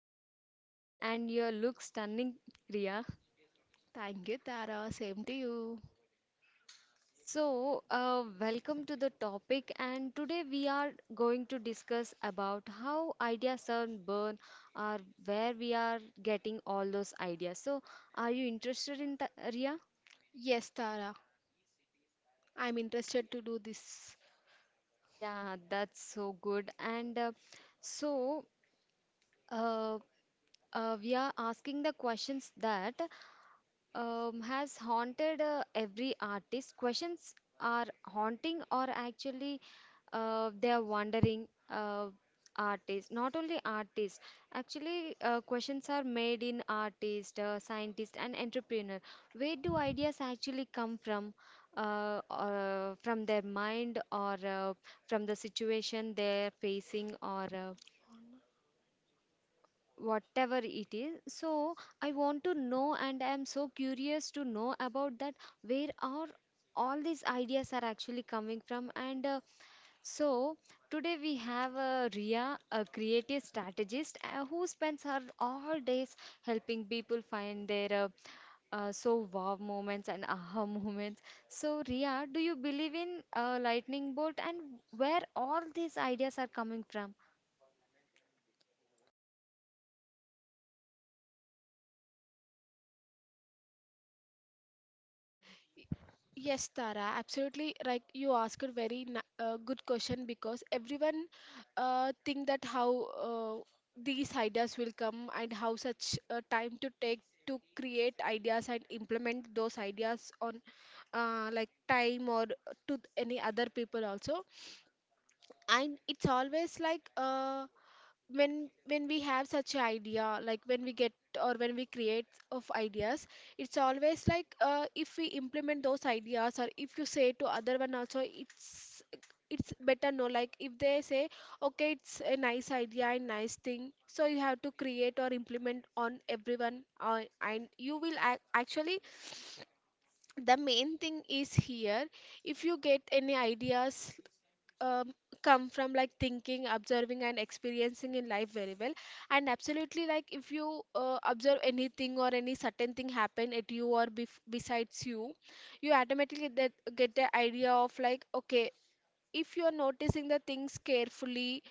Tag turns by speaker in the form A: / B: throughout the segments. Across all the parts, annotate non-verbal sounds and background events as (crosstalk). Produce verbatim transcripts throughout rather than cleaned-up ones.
A: absolutely fine, and you look stunning, Ria.
B: Thank you, Tara. Same to you.
A: So, uh, welcome to the topic. And today, we are going to discuss about how ideas are born or where we are getting all those ideas. So, are you interested in that, Ria?
B: Yes, Tara, I'm interested to do this.
A: Yeah, that's so good. And uh, so uh, uh, we are asking the questions that um, has haunted uh, every artist. Questions are haunting, or actually uh, they are wandering uh, artists, not only artists, actually. Uh, questions are made in artist, uh, scientist and entrepreneur. Where do ideas actually come from? Uh, uh, from their mind, or uh, from the situation they're facing, or uh, whatever it is. So I want to know, and I am so curious to know about that. Where are all these ideas are actually coming from? and uh, so, Today we have uh, Ria, a creative strategist uh, who spends her all days helping people find their uh, uh, so wow moments and aha (laughs) moments. So, Ria, do you believe in uh, lightning bolt and where all these ideas are coming from?
B: Yes, Tara, absolutely. Like you asked a very na- uh, good question, because everyone uh, think that how uh, these ideas will come and how such uh, time to take to create ideas and implement those ideas on, uh, like time or to any other people also. And it's always like, uh, when when we have such an idea, like when we get or when we create of ideas, it's always like, uh, if we implement those ideas or if you say to other one also, it's it's better, no, like if they say okay, it's a nice idea and nice thing, so you have to create or implement on everyone. Uh, and you will ac- actually, the main thing is here, if you get any ideas, um, come from like thinking, observing and experiencing in life very well. And absolutely, like if you uh, observe anything or any certain thing happen at you or bef- besides you, you automatically that get the idea of like okay, if you're noticing the things carefully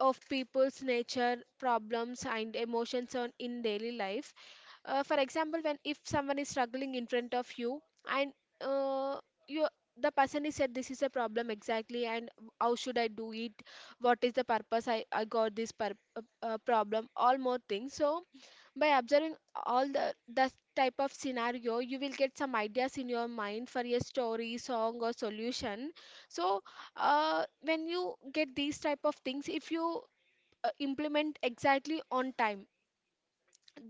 B: of people's nature, problems and emotions on in daily life. Uh, for example, when if someone is struggling in front of you and, uh, you, the person is said this is a problem exactly, and how should I do it, what is the purpose, i, I got this per, uh, uh, problem all more things. So by observing all the that type of scenario, you will get some ideas in your mind for a story, song or solution. So uh, when you get these type of things, if you uh, implement exactly on time,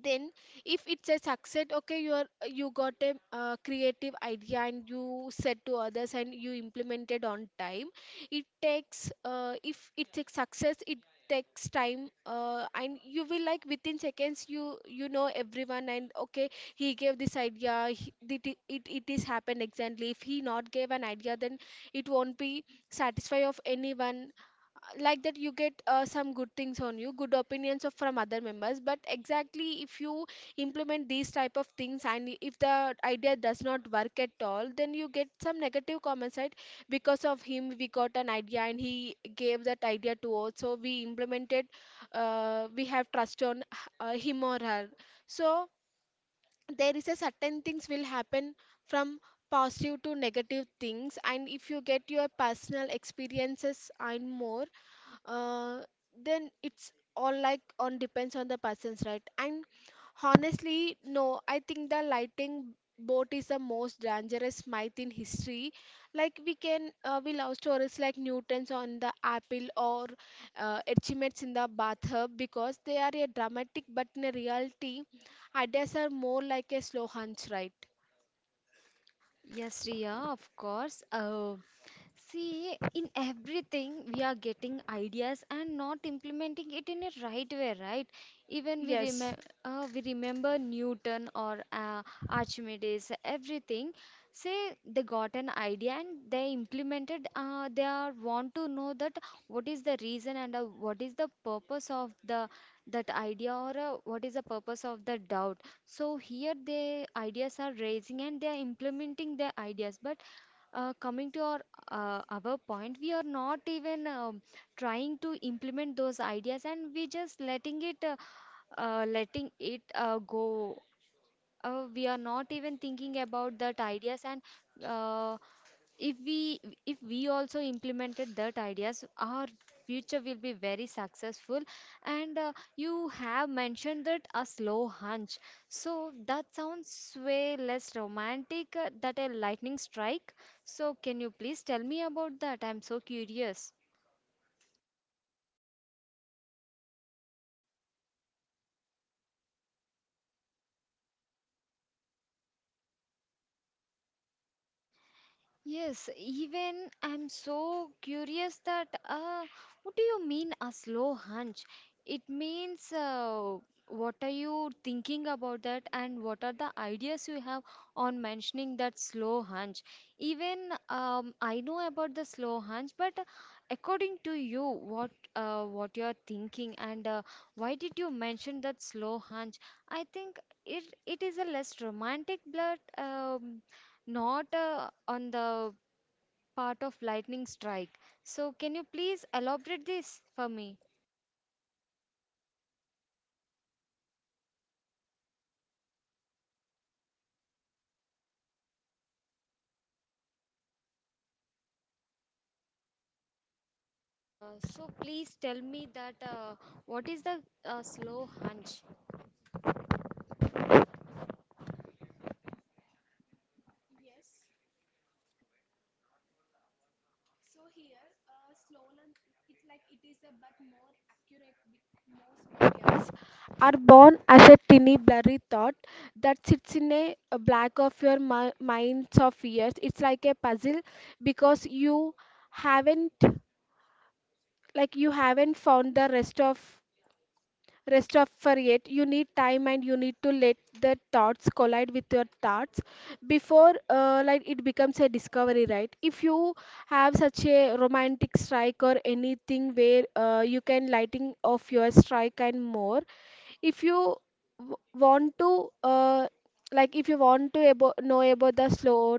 B: then if it's a success, okay, you are, you got a uh, creative idea, and you said to others and you implemented on time. It takes uh, if it's a success, it takes time, uh, and you will, like within seconds, you you know everyone, and okay, he gave this idea, he, it, it it is happened exactly. If he not gave an idea, then it won't be satisfy of anyone. Like that, you get uh, some good things on you, good opinions of from other members. But exactly if you implement these type of things and if the idea does not work at all, then you get some negative comments, right? Because of him, we got an idea, and he gave that idea to us, so we implemented. Uh, we have trust on uh, him or her. So there is a certain things will happen, from positive to negative things. And if you get your personal experiences and more, uh, then it's all like on depends on the person's, right? And honestly, no, I think the lighting boat is the most dangerous myth in history. Like we can uh, we love stories like Newton's on the apple or uh, achievements in the bathtub because they are a dramatic. But in reality, ideas are more like a slow hunch, right?
A: Yes, Ria, of course. Uh, See, in everything, we are getting ideas and not implementing it in a right way, right? Even we
B: yes
A: remember, uh, we remember Newton or uh, Archimedes, everything. Say they got an idea and they implemented. Uh, they are want to know that what is the reason, and uh, what is the purpose of the that idea, or uh, what is the purpose of the doubt. So here the ideas are raising and they are implementing their ideas, but uh, coming to our uh, our point, we are not even um, trying to implement those ideas, and we just letting it uh, uh, letting it uh, go. Uh, we are not even thinking about that ideas, and uh, if we if we also implemented that ideas, our future will be very successful. And uh, you have mentioned that a slow hunch, so that sounds way less romantic uh, than a lightning strike. So can you please tell me about that? I'm so curious. Yes, even I'm so curious that uh, what do you mean a slow hunch? It means uh, what are you thinking about that, and what are the ideas you have on mentioning that slow hunch? Even um, I know about the slow hunch, but uh, according to you, what uh, what you are thinking, and uh, why did you mention that slow hunch? I think it it is a less romantic blood, um, not uh, on the part of lightning strike. So, can you please elaborate this for me? Uh, so, please tell me that uh, what is the uh, slow hunch? So here, uh, slow lunch, it's like it is a but more accurate with most mediums. Are born as a tiny blurry thought that sits in a, a black of your mi- minds of years. It's like a puzzle because you haven't, like you haven't found the rest of rest of for it. You need time, and you need to let the thoughts collide with your thoughts before uh, like it becomes a discovery, right? If you have such a romantic strike or anything where uh, you can lighting of your strike and more, if you w- want to uh, like if you want to abo- know about the slow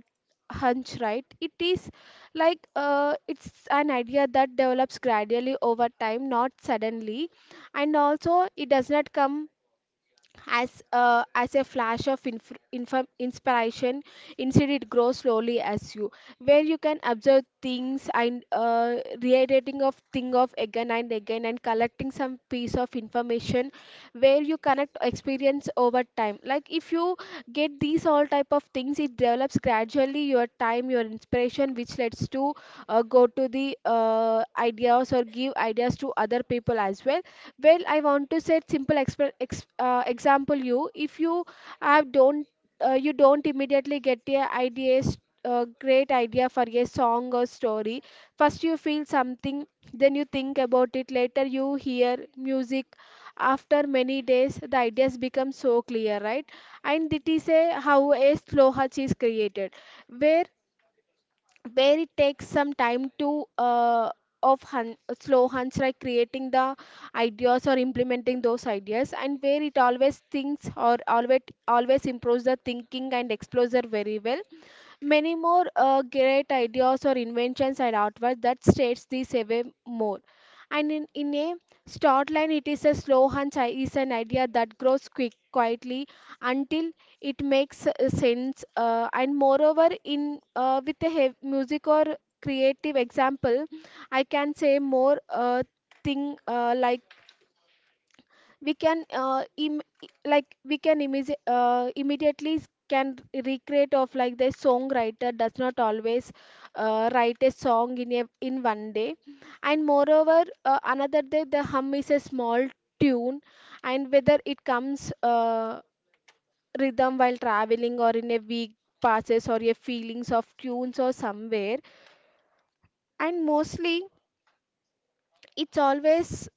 A: hunch, right? It is like uh, it's an idea that develops gradually over time, not suddenly. And also it does not come as uh, as a flash of inf- inf- inspiration. Instead it grows slowly as you, where you can observe things, and uh, reiterating of thing of again and again, and collecting some piece of information where you connect experience over time. Like if you get these all type of things, it develops gradually your time, your inspiration, which leads to uh, go to the uh, ideas or give ideas to other people as well. Well, I want to set simple exp- ex- uh, example. You if you have don't uh, you don't immediately get a ideas, a great idea for a song or story, first you feel something, then you think about it, later you hear music, after many days the ideas become so clear, right? And it is a how a slow hutch is created, where where it takes some time to uh, of hun- slow hunts, like creating the ideas or implementing those ideas, and where it always thinks or always always improves the thinking and explores it very well. Many more uh, great ideas or inventions are outward that states this away more. And in, in a start line, it is a slow hunch i- is an idea that grows quick, quietly until it makes uh, sense. Uh, and moreover, in uh, with a hev- music or creative example, I can say more uh, thing uh, like we can uh, Im- like we can imis- uh, immediately can recreate of, like the songwriter does not always uh, write a song in a, in one day. And moreover uh, another day the hum is a small tune, and whether it comes uh, rhythm while traveling, or in a week passes, or a feelings of tunes or somewhere. And mostly it's always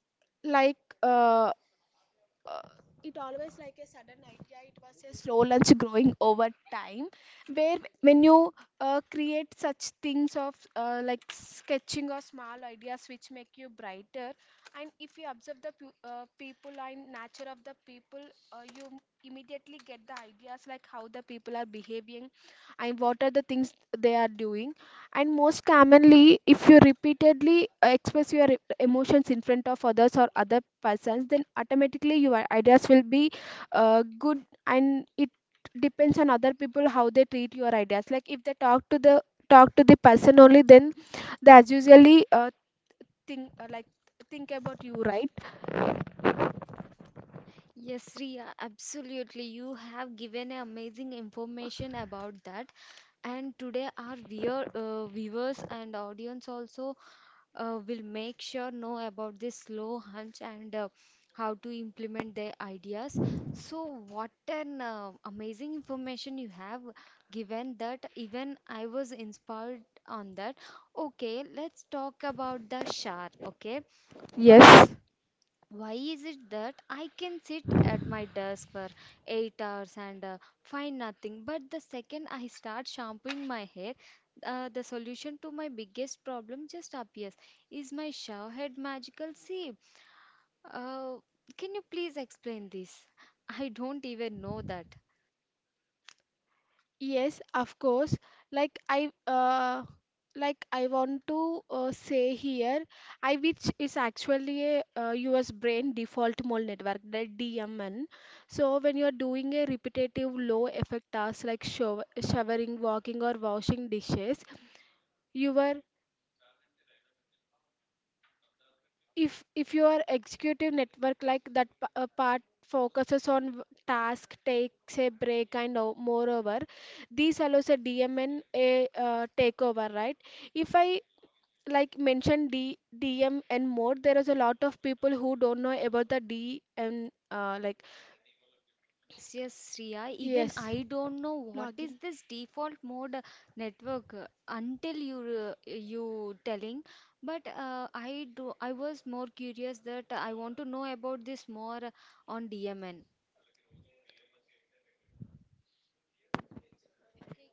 A: like uh, uh, it always like a sudden idea, it was a slow lunch growing over time, where when you uh, create such things of uh, like sketching or small ideas which make you brighter. And if you observe the pu- uh, people and nature of the people, uh, you m- immediately get the ideas, like how the people are behaving and what are the things they are doing. And most commonly, if you repeatedly uh, express your emotions in front of others or other persons, then automatically your ideas will be uh, good. And it depends on other people how they treat your ideas, like if they talk to the talk to the person only, then that's usually uh, think uh, like think about you, right? Yes, Riya, absolutely. You have given a amazing information about that. And today, our viewer, uh, viewers and audience also uh, will make sure know about this slow hunch, and uh, how to implement their ideas. So what an uh, amazing information you have given, that even I was inspired on that. Okay, let's talk about the Shar. Okay, why
B: Yes.
A: why is it that I can sit at my desk for eight hours and uh, find nothing? But the second I start shampooing my hair, uh, the solution to my biggest problem just appears. Is my shower head magical? See, uh, can you please explain this? I don't even know that.
B: Yes, of course. Like I uh like I want to uh, say here, I which is actually a uh, U S brain default mode network, the D M N. So when you are doing a repetitive low effect task like show showering, walking or washing dishes, your, if if your executive network, like that p- uh, part focuses on w- task, takes a break. And o- moreover, this allows a dmn a uh, takeover, right? If I like mention D, dmn more, there is a lot of people who don't know about the dm uh, like,
A: Yes, yes, Shreya. Even
B: yes,
A: I don't know what is
B: login,
A: this default mode uh, network uh, until you uh, you telling. But uh, I do. I was more curious that I want to know about this more uh, on D M N.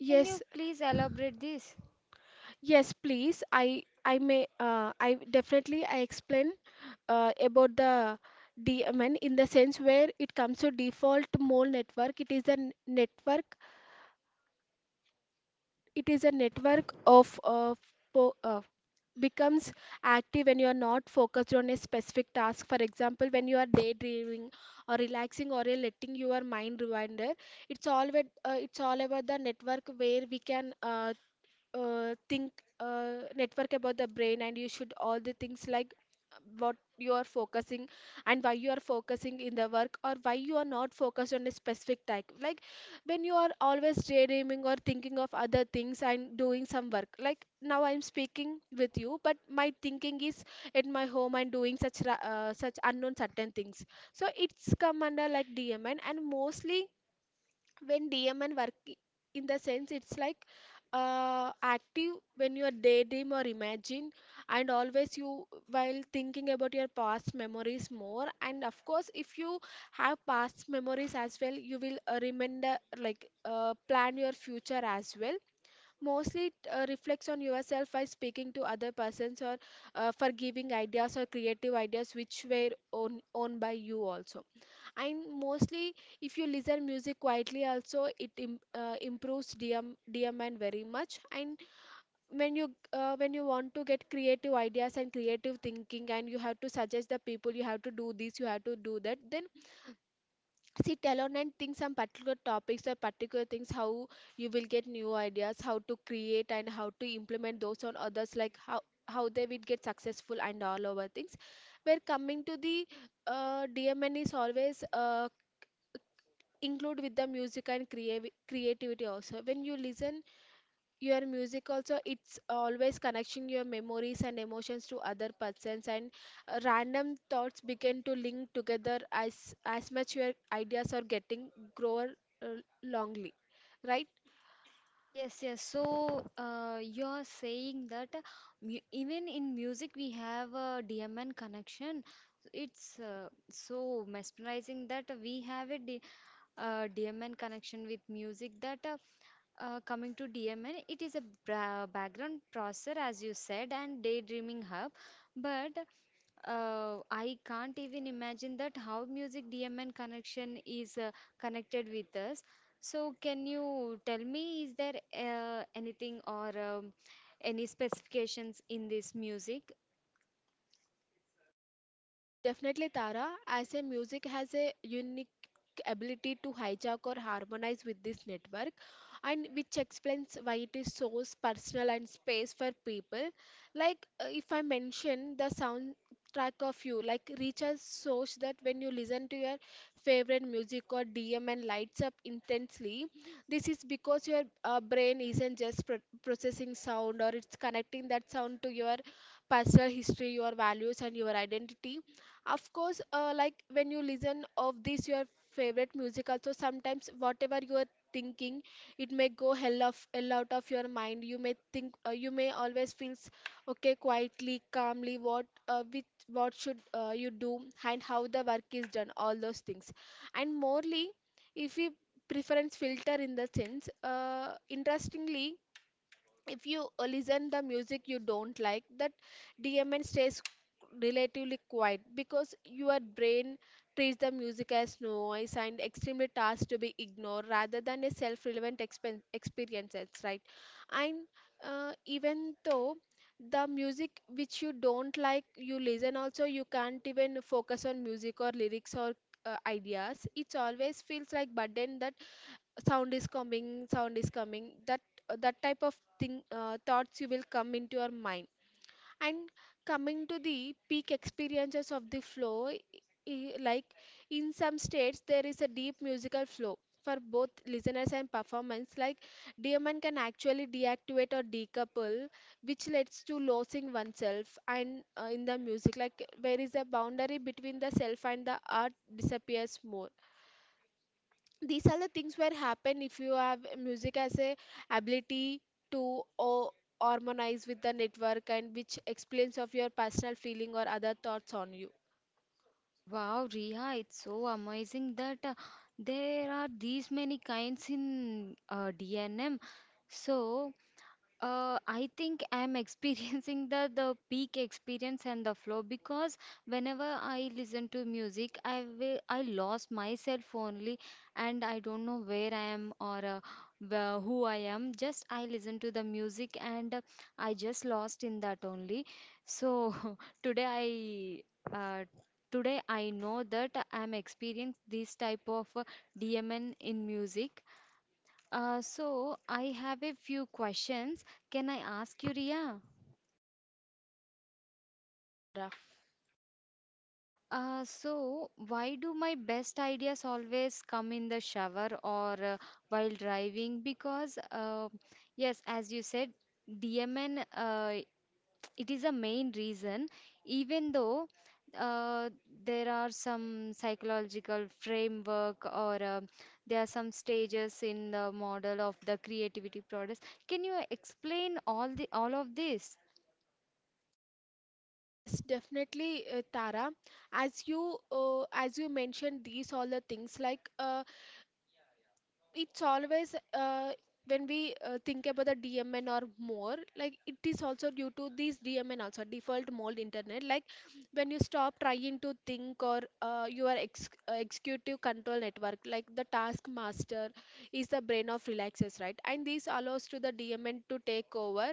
A: Can you please elaborate this?
B: Yes, please. I I may uh, I definitely I explain uh, about the D M N, in the sense where it comes to default mole network. It is a n- network. It is a network of uh, po uh, becomes active when you are not focused on a specific task. For example, when you are daydreaming or relaxing, or uh, letting your mind wander, it's all with, uh, it's all about the network where we can uh, uh, think uh, network about the brain, and you should all the things like what you are focusing and why you are focusing in the work, or why you are not focused on a specific type. Like when you are always daydreaming or thinking of other things and doing some work, like now I'm speaking with you but my thinking is at my home and doing such ra- uh, such unknown certain things. So it's come under like dmn. And mostly when D M N work i- in the sense it's like, uh, active when you are daydream or imagine, and always you while thinking about your past memories more. And of course, if you have past memories as well, you will uh, remember like uh, plan your future as well. Mostly it uh, reflects on yourself by speaking to other persons, or uh, for giving ideas or creative ideas which were own, owned by you also. And mostly if you listen music quietly also, it im uh, improves D M D M N very much. And when you uh, when you want to get creative ideas and creative thinking, and you have to suggest the people you have to do this, you have to do that, then sit alone and think some particular topics or particular things, how you will get new ideas, how to create and how to implement those on others, like how how they will get successful and all over things. We're coming to the, uh, D M N is always uh, include with the music and creavi- creativity also. When you listen your music also, it's always connecting your memories and emotions to other persons. And uh, random thoughts begin to link together as as much your ideas are getting grower, uh, longly, right?
A: Yes, yes. So uh, you're saying that uh, mu even in music we have a D M N connection. It's uh, so mesmerizing that we have a D uh, D M N connection with music, that uh, f- uh, coming to D M N, it is a bra- background processor, as you said, and daydreaming hub. But uh, I can't even imagine that how music D M N connection is uh, connected with us. So can you tell me, is there uh, anything, or um, any specifications in this music?
B: Yes, definitely, Tara. As a music has a unique ability to hijack or harmonize with this network, and which explains why it is so personal and space for people. Like uh, if I mention the soundtrack of you, like reach a source that when you listen to your favorite music or D M and lights up intensely, this is because your uh, brain isn't just pro- processing sound, or it's connecting that sound to your personal history, your values, and your identity. Of course, uh, like when you listen of this your favorite music, also sometimes whatever you are thinking, it may go hell of hell out of your mind. You may think, uh, you may always feels okay, quietly, calmly, what uh, with what should uh, you do and how the work is done, all those things. And morely, if we preference filter, in the sense, uh, interestingly, if you uh, listen the music you don't like, that dmn stays relatively quiet because your brain treats the music as noise and extremely tasks to be ignored rather than a self-relevant expen- experiences, right? And uh, even though the music which you don't like you listen also, you can't even focus on music or lyrics or uh, ideas, it always feels like burden that sound is coming, sound is coming, that that type of thing, uh, thoughts you will come into your mind. And coming to the peak experiences of the flow, i- i- like in some states there is a deep musical flow for both listeners and performance. Like dmn can actually deactivate or decouple, which leads to losing oneself and uh, in the music, like there is a boundary between the self and the art disappears more. These are the things where happen if you have music as a ability to o- harmonize with the network, and which explains of your personal feeling or other thoughts on you,
A: Wow, Riya, it's so amazing that uh, there are these many kinds in uh, D N M. So, uh, I think I'm (laughs) experiencing the the peak experience and the flow, because whenever I listen to music, I will I lost myself only, and I don't know where I am, or uh, wh- who I am. Just I listen to the music, and uh, I just lost in that only. So (laughs) today I uh, today I know that I'm experiencing this type of uh, D M N in music. Uh, so I have a few questions. Can I ask you, Ria?
B: Tara.
A: Uh, so why do my best ideas always come in the shower, or uh, while driving? Because uh, yes, as you said, D M N uh, it is a main reason. Even though uh, there are some psychological framework, or uh, there are some stages in the model of the creativity process. Can you explain all the all of this?
B: Yes, definitely, uh, Tara. As you uh, as you mentioned, these all the things like uh, it's always uh, when we uh, think about the dmn or more like it is also due to these dmn also default mold internet like when you stop trying to think or uh, your ex- uh, executive control network like the task master is the brain of relaxes, right? And this allows to the dmn to take over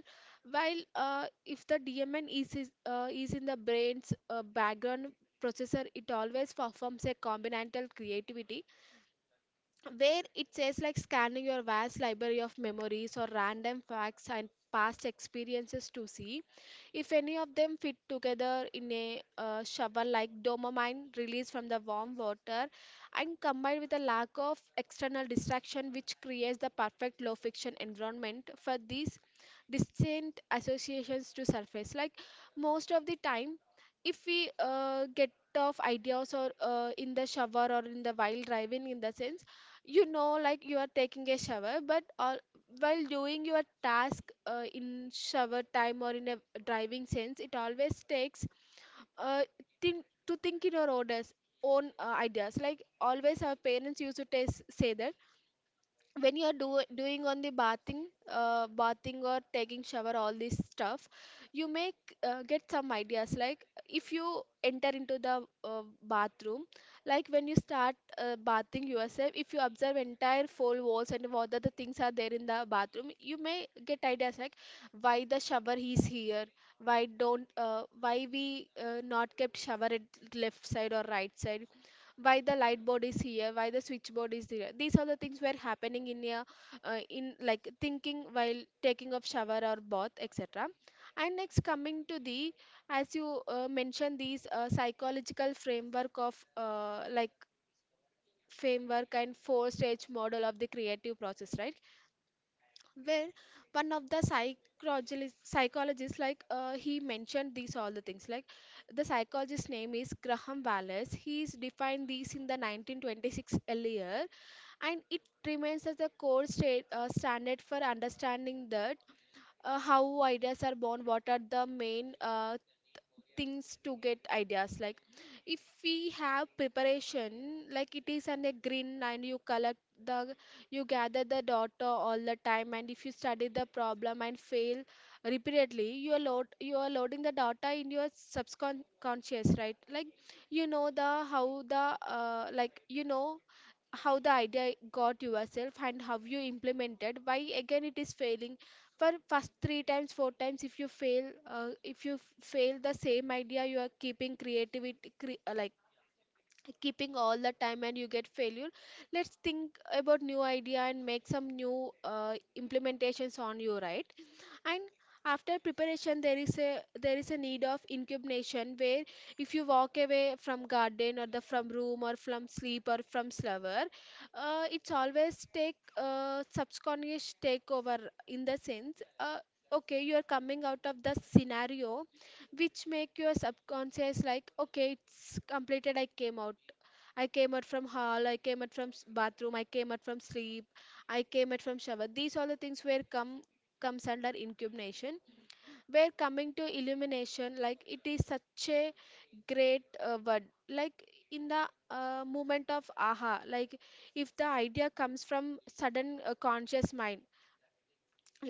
B: while uh, if the dmn is is, uh, is in the brain's uh, background processor, it always performs a combinatorial creativity where it says like scanning your vast library of memories or random facts and past experiences to see if any of them fit together in a uh, shower like dopamine released from the warm water and combined with a lack of external distraction, which creates the perfect low fiction environment for these distinct associations to surface. Like most of the time, if we uh, get of ideas or uh, in the shower or in the while driving, in the sense you know like you are taking a shower but all, while doing your task uh, in shower time or in a driving sense, it always takes uh, think to think in your orders own uh, ideas. Like always our parents used to t- say that when you are do, doing on the bathing uh, bathing or taking shower all this stuff, you may uh, get some ideas. Like if you enter into the uh, bathroom, like when you start uh, bathing yourself, if you observe entire four walls and what other things are there in the bathroom, you may get ideas like why the shower is here, why don't uh, why we uh, not kept shower at left side or right side, why the light board is here, why the switchboard is there. These are the things were happening in a uh, in like thinking while taking of shower or bath, etc. And next coming to the, as you uh, mentioned, these uh, psychological framework of uh, like framework and four stage model of the creative process, right? Where one of the psychologist psychologists, like uh, he mentioned these all the things like the psychologist name is Graham Wallace. He's defined these in the nineteen twenty-six earlier, and it remains as a core state, uh, standard for understanding that uh, how ideas are born, what are the main uh, things to get ideas. Like if we have preparation, like it is on a green and you collect the, you gather the data all the time, and if you study the problem and fail repeatedly, you are load you are loading the data in your subconscious, right? Like you know the how the uh, like you know how the idea got yourself and how you implemented, why again it is failing. For first three times, four times, if you fail uh, if you f- fail the same idea, you are keeping creativity cre- uh, like keeping all the time and you get failure. Let's think about new idea and make some new uh, implementations on you, right? And after preparation, there is a there is a need of incubation where if you walk away from garden or the from room or from sleep or from slumber, uh, it's always take uh, subconscious takeover. In the sense uh, okay, you are coming out of the scenario, which make your subconscious like, okay, it's completed, I came out. I came out from hall, I came out from s- bathroom, I came out from sleep, I came out from shower. These all the things where come comes under incubation. Where coming to illumination, like it is such a great uh, word, like in the uh, moment of aha, like if the idea comes from sudden uh, conscious mind,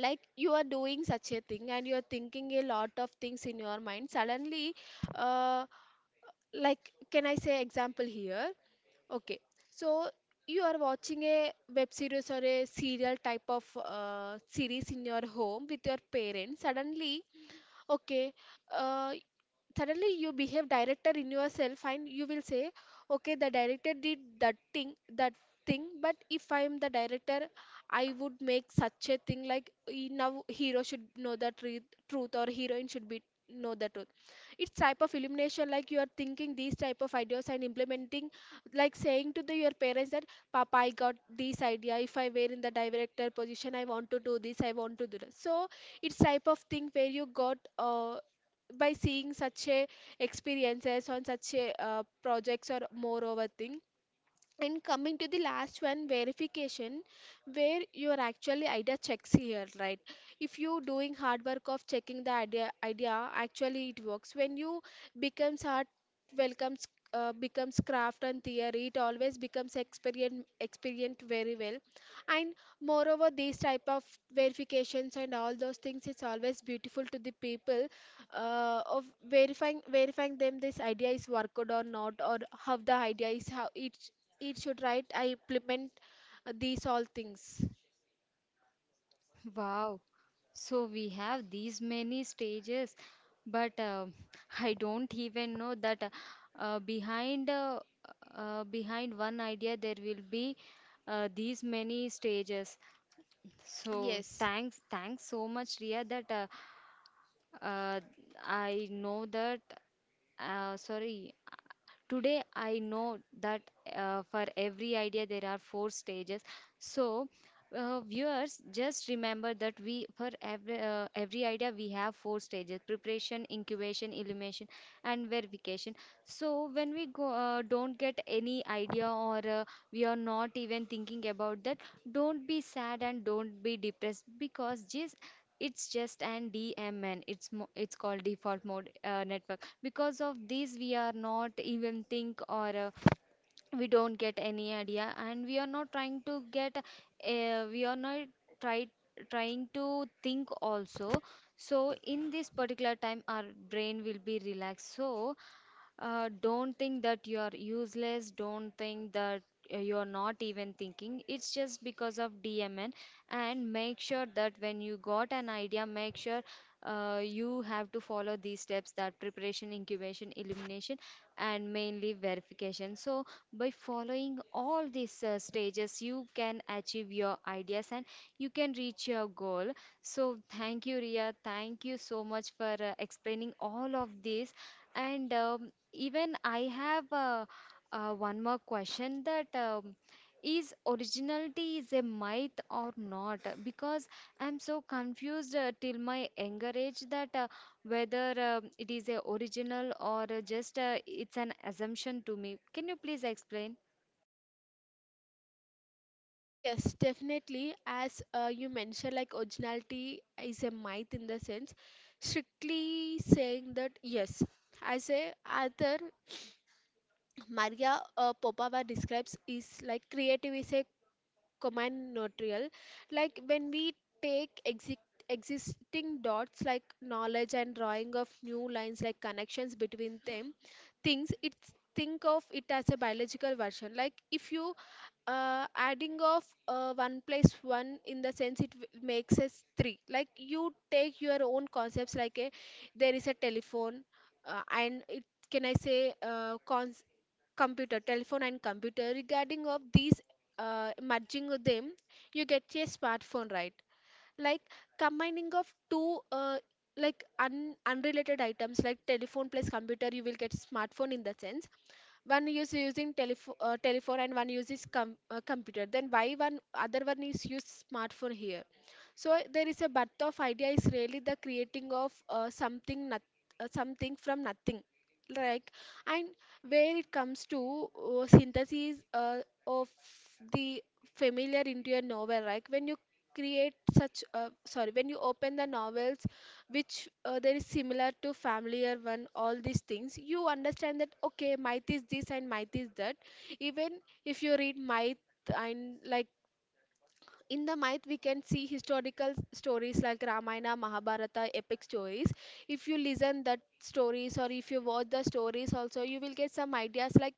B: like you are doing such a thing and you are thinking a lot of things in your mind suddenly, uh, like, can I say example here? Okay, so you are watching a web series or a serial type of uh, series in your home with your parents, suddenly, okay, uh, suddenly you behave director in yourself and you will say, okay, the director did that thing that thing, but if I am the director, I would make such a thing like, "E- now hero should know the truth, truth, or heroine should be know the truth." It's type of illumination, like you are thinking these type of ideas and implementing, like saying to the, your parents that, papa, I got this idea. If I were in the director position, I want to do this, I want to do that. So it's type of thing where you got uh, by seeing such a experiences on such a uh, projects or more over things. And coming to the last one, verification, where your actually idea checks here, right? If you doing hard work of checking the idea, idea actually it works. When you becomes hard, welcomes uh, becomes craft and theory, it always becomes experience experienced very well. And moreover, these type of verifications and all those things, it's always beautiful to the people uh, of verifying verifying them this idea is worked or not, or how the idea is, how it it should, right? I implement uh, these all things.
A: Wow, so we have these many stages, but uh, (laughs) I don't even know that uh, uh, behind uh, uh, behind one idea there will be uh, these many stages. So
B: Yes.
A: thanks, thanks so much, Ria, that uh, uh, I know that. Uh, sorry, today I know that uh, for every idea there are four stages. So uh, viewers, just remember that we for every, uh, every idea we have four stages: preparation, incubation, illumination and verification. So when we go uh, don't get any idea, or uh, we are not even thinking about that, don't be sad and don't be depressed, because just it's just an D M N. It's mo- it's called default mode uh, network. Because of this, we are not even think, or uh, we don't get any idea, and we are not trying to get uh, we are not try trying to think also. So in this particular time our brain will be relaxed. So uh, don't think that you are useless. Don't think that uh, you are not even thinking. It's just because of D M N. And make sure that when you got an idea, make sure uh, you have to follow these steps, that preparation, incubation, elimination, and mainly verification. So, by following all these uh, stages, you can achieve your ideas, and you can reach your goal. So, thank you, Ria. Thank you so much for uh, explaining all of this. And um, even I have uh, uh, one more question, that um, is originality is a myth or not? Because I'm so confused uh, till my younger age, that uh, whether um it is a original, or uh, just uh, it's an assumption to me. Can you please explain?
B: Yes, definitely. As uh, you mentioned, like originality is a myth, in the sense, strictly saying that yes, as a author Maria uh, Popova describes, is like creative is a command notarial, like when we take exi- existing dots like knowledge and drawing of new lines like connections between them things. It's think of it as a biological version, like if you uh, adding of uh, one plus one, in the sense it w- makes us three, like you take your own concepts like a, there is a telephone uh, and it, can I say uh, cons- computer, telephone and computer, regarding of these uh, merging with them, you get a smartphone, right? Like combining of two uh, like un unrelated items like telephone plus computer, you will get smartphone, in the sense one is using telephone uh, telephone and one uses com uh, computer, then why one other one is use smartphone here. So there is a birth of idea is really the creating of uh, something not, uh, something from nothing, like, and where it comes to uh, synthesis uh, of the familiar into a novel, like when you create such uh, sorry, when you open the novels, which uh, there is similar to familiar one, all these things you understand that, okay, might is this and might is that. Even if you read might, and like in the myth we can see historical s- stories like Ramayana, Mahabharata epic stories. If you listen that stories or if you watch the stories also, you will get some ideas like,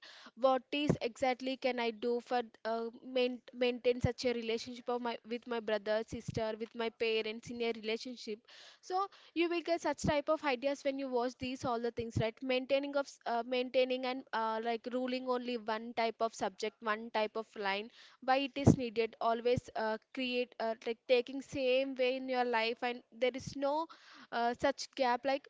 B: what is exactly can I do for uh, main, maintain such a relationship of my with my brother, sister, with my parents, in a relationship. So you will get such type of ideas when you watch these all the things, right? Maintaining of s- uh, maintaining and uh, like ruling only one type of subject, one type of line, why it is needed. Always uh, create uh, like taking same way in your life, and there is no uh, such gap, like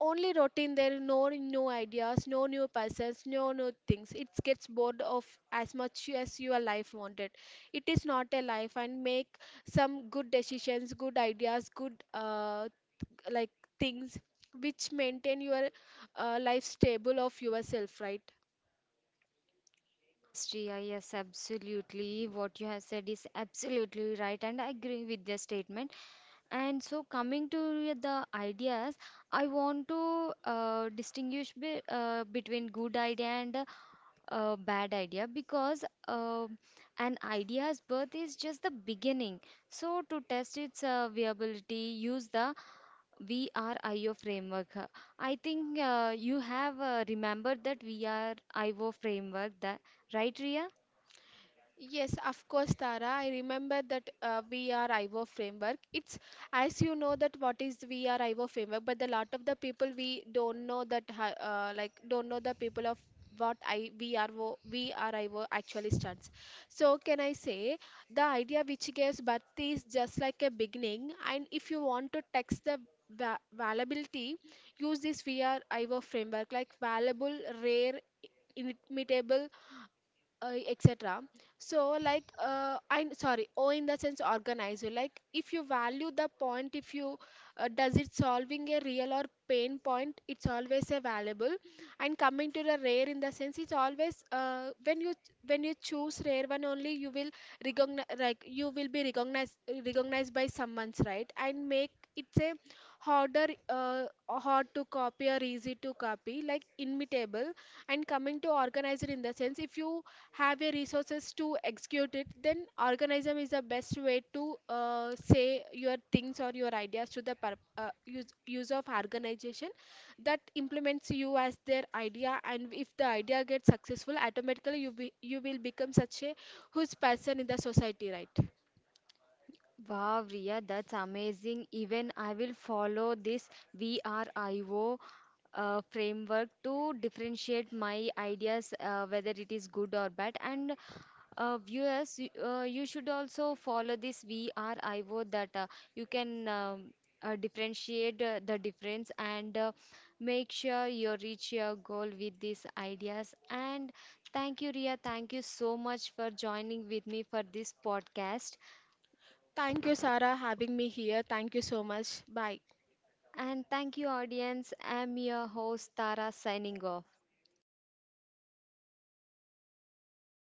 B: only routine, there is no new ideas, no new persons, no new things, it gets bored of. As much as your life wanted, it is not a life, and make some good decisions, good ideas, good uh, like things which maintain your uh, life stable of yourself, right?
A: Yes, Shreya, yes, absolutely. What you have said is absolutely right, and I agree with your statement. And so, coming to the ideas, I want to uh, distinguish be, uh, between good idea and uh, uh, bad idea, because uh, an idea's birth is just the beginning. So, to test its uh, viability, use the V R I O framework. Uh, I think uh, you have uh, remembered that V R I O framework, that right, Ria?
B: Yes, of course, Tara. I remember that uh, V R framework. It's, as you know that what is V R framework, but a lot of the people we don't know that ha- uh, like don't know the people of what I V R O V R I O actually stands. So can I say the idea which gives birth is just like a beginning, and if you want to text the va- Valuability, use this V R I O framework like valuable, rare, imitable, uh, etc. So like uh, I, sorry, o, in the sense organizer, like if you value the point, if you uh, does it solving a real or pain point, it's always a valuable. And coming to the rare, in the sense it's always uh, when you, when you choose rare one only, you will recognize, like you will be recognized recognized by someone's, right? And make it's a harder, uh, hard to copy or easy to copy, like imitable. And coming to organizer, in the sense if you have your resources to execute it, then organism is the best way to uh, say your things or your ideas to the pur- uh, use, use of organization that implements you as their idea. And if the idea gets successful, automatically you, be, you will become such a whose person in the society, right?
A: Wow, Riya, that's amazing. Even I will follow this V R I O uh, framework to differentiate my ideas, uh, whether it is good or bad. And uh, viewers, you- uh, you should also follow this V R I O, that uh, you can um, uh, differentiate uh, the difference, and uh, make sure you reach your goal with these ideas. And thank you, Riya. Thank you so much for joining with me for this podcast.
B: Thank you, Sarah, having me here. Thank you so much, bye.
A: And thank you, audience. I'm your host, Tara, signing off.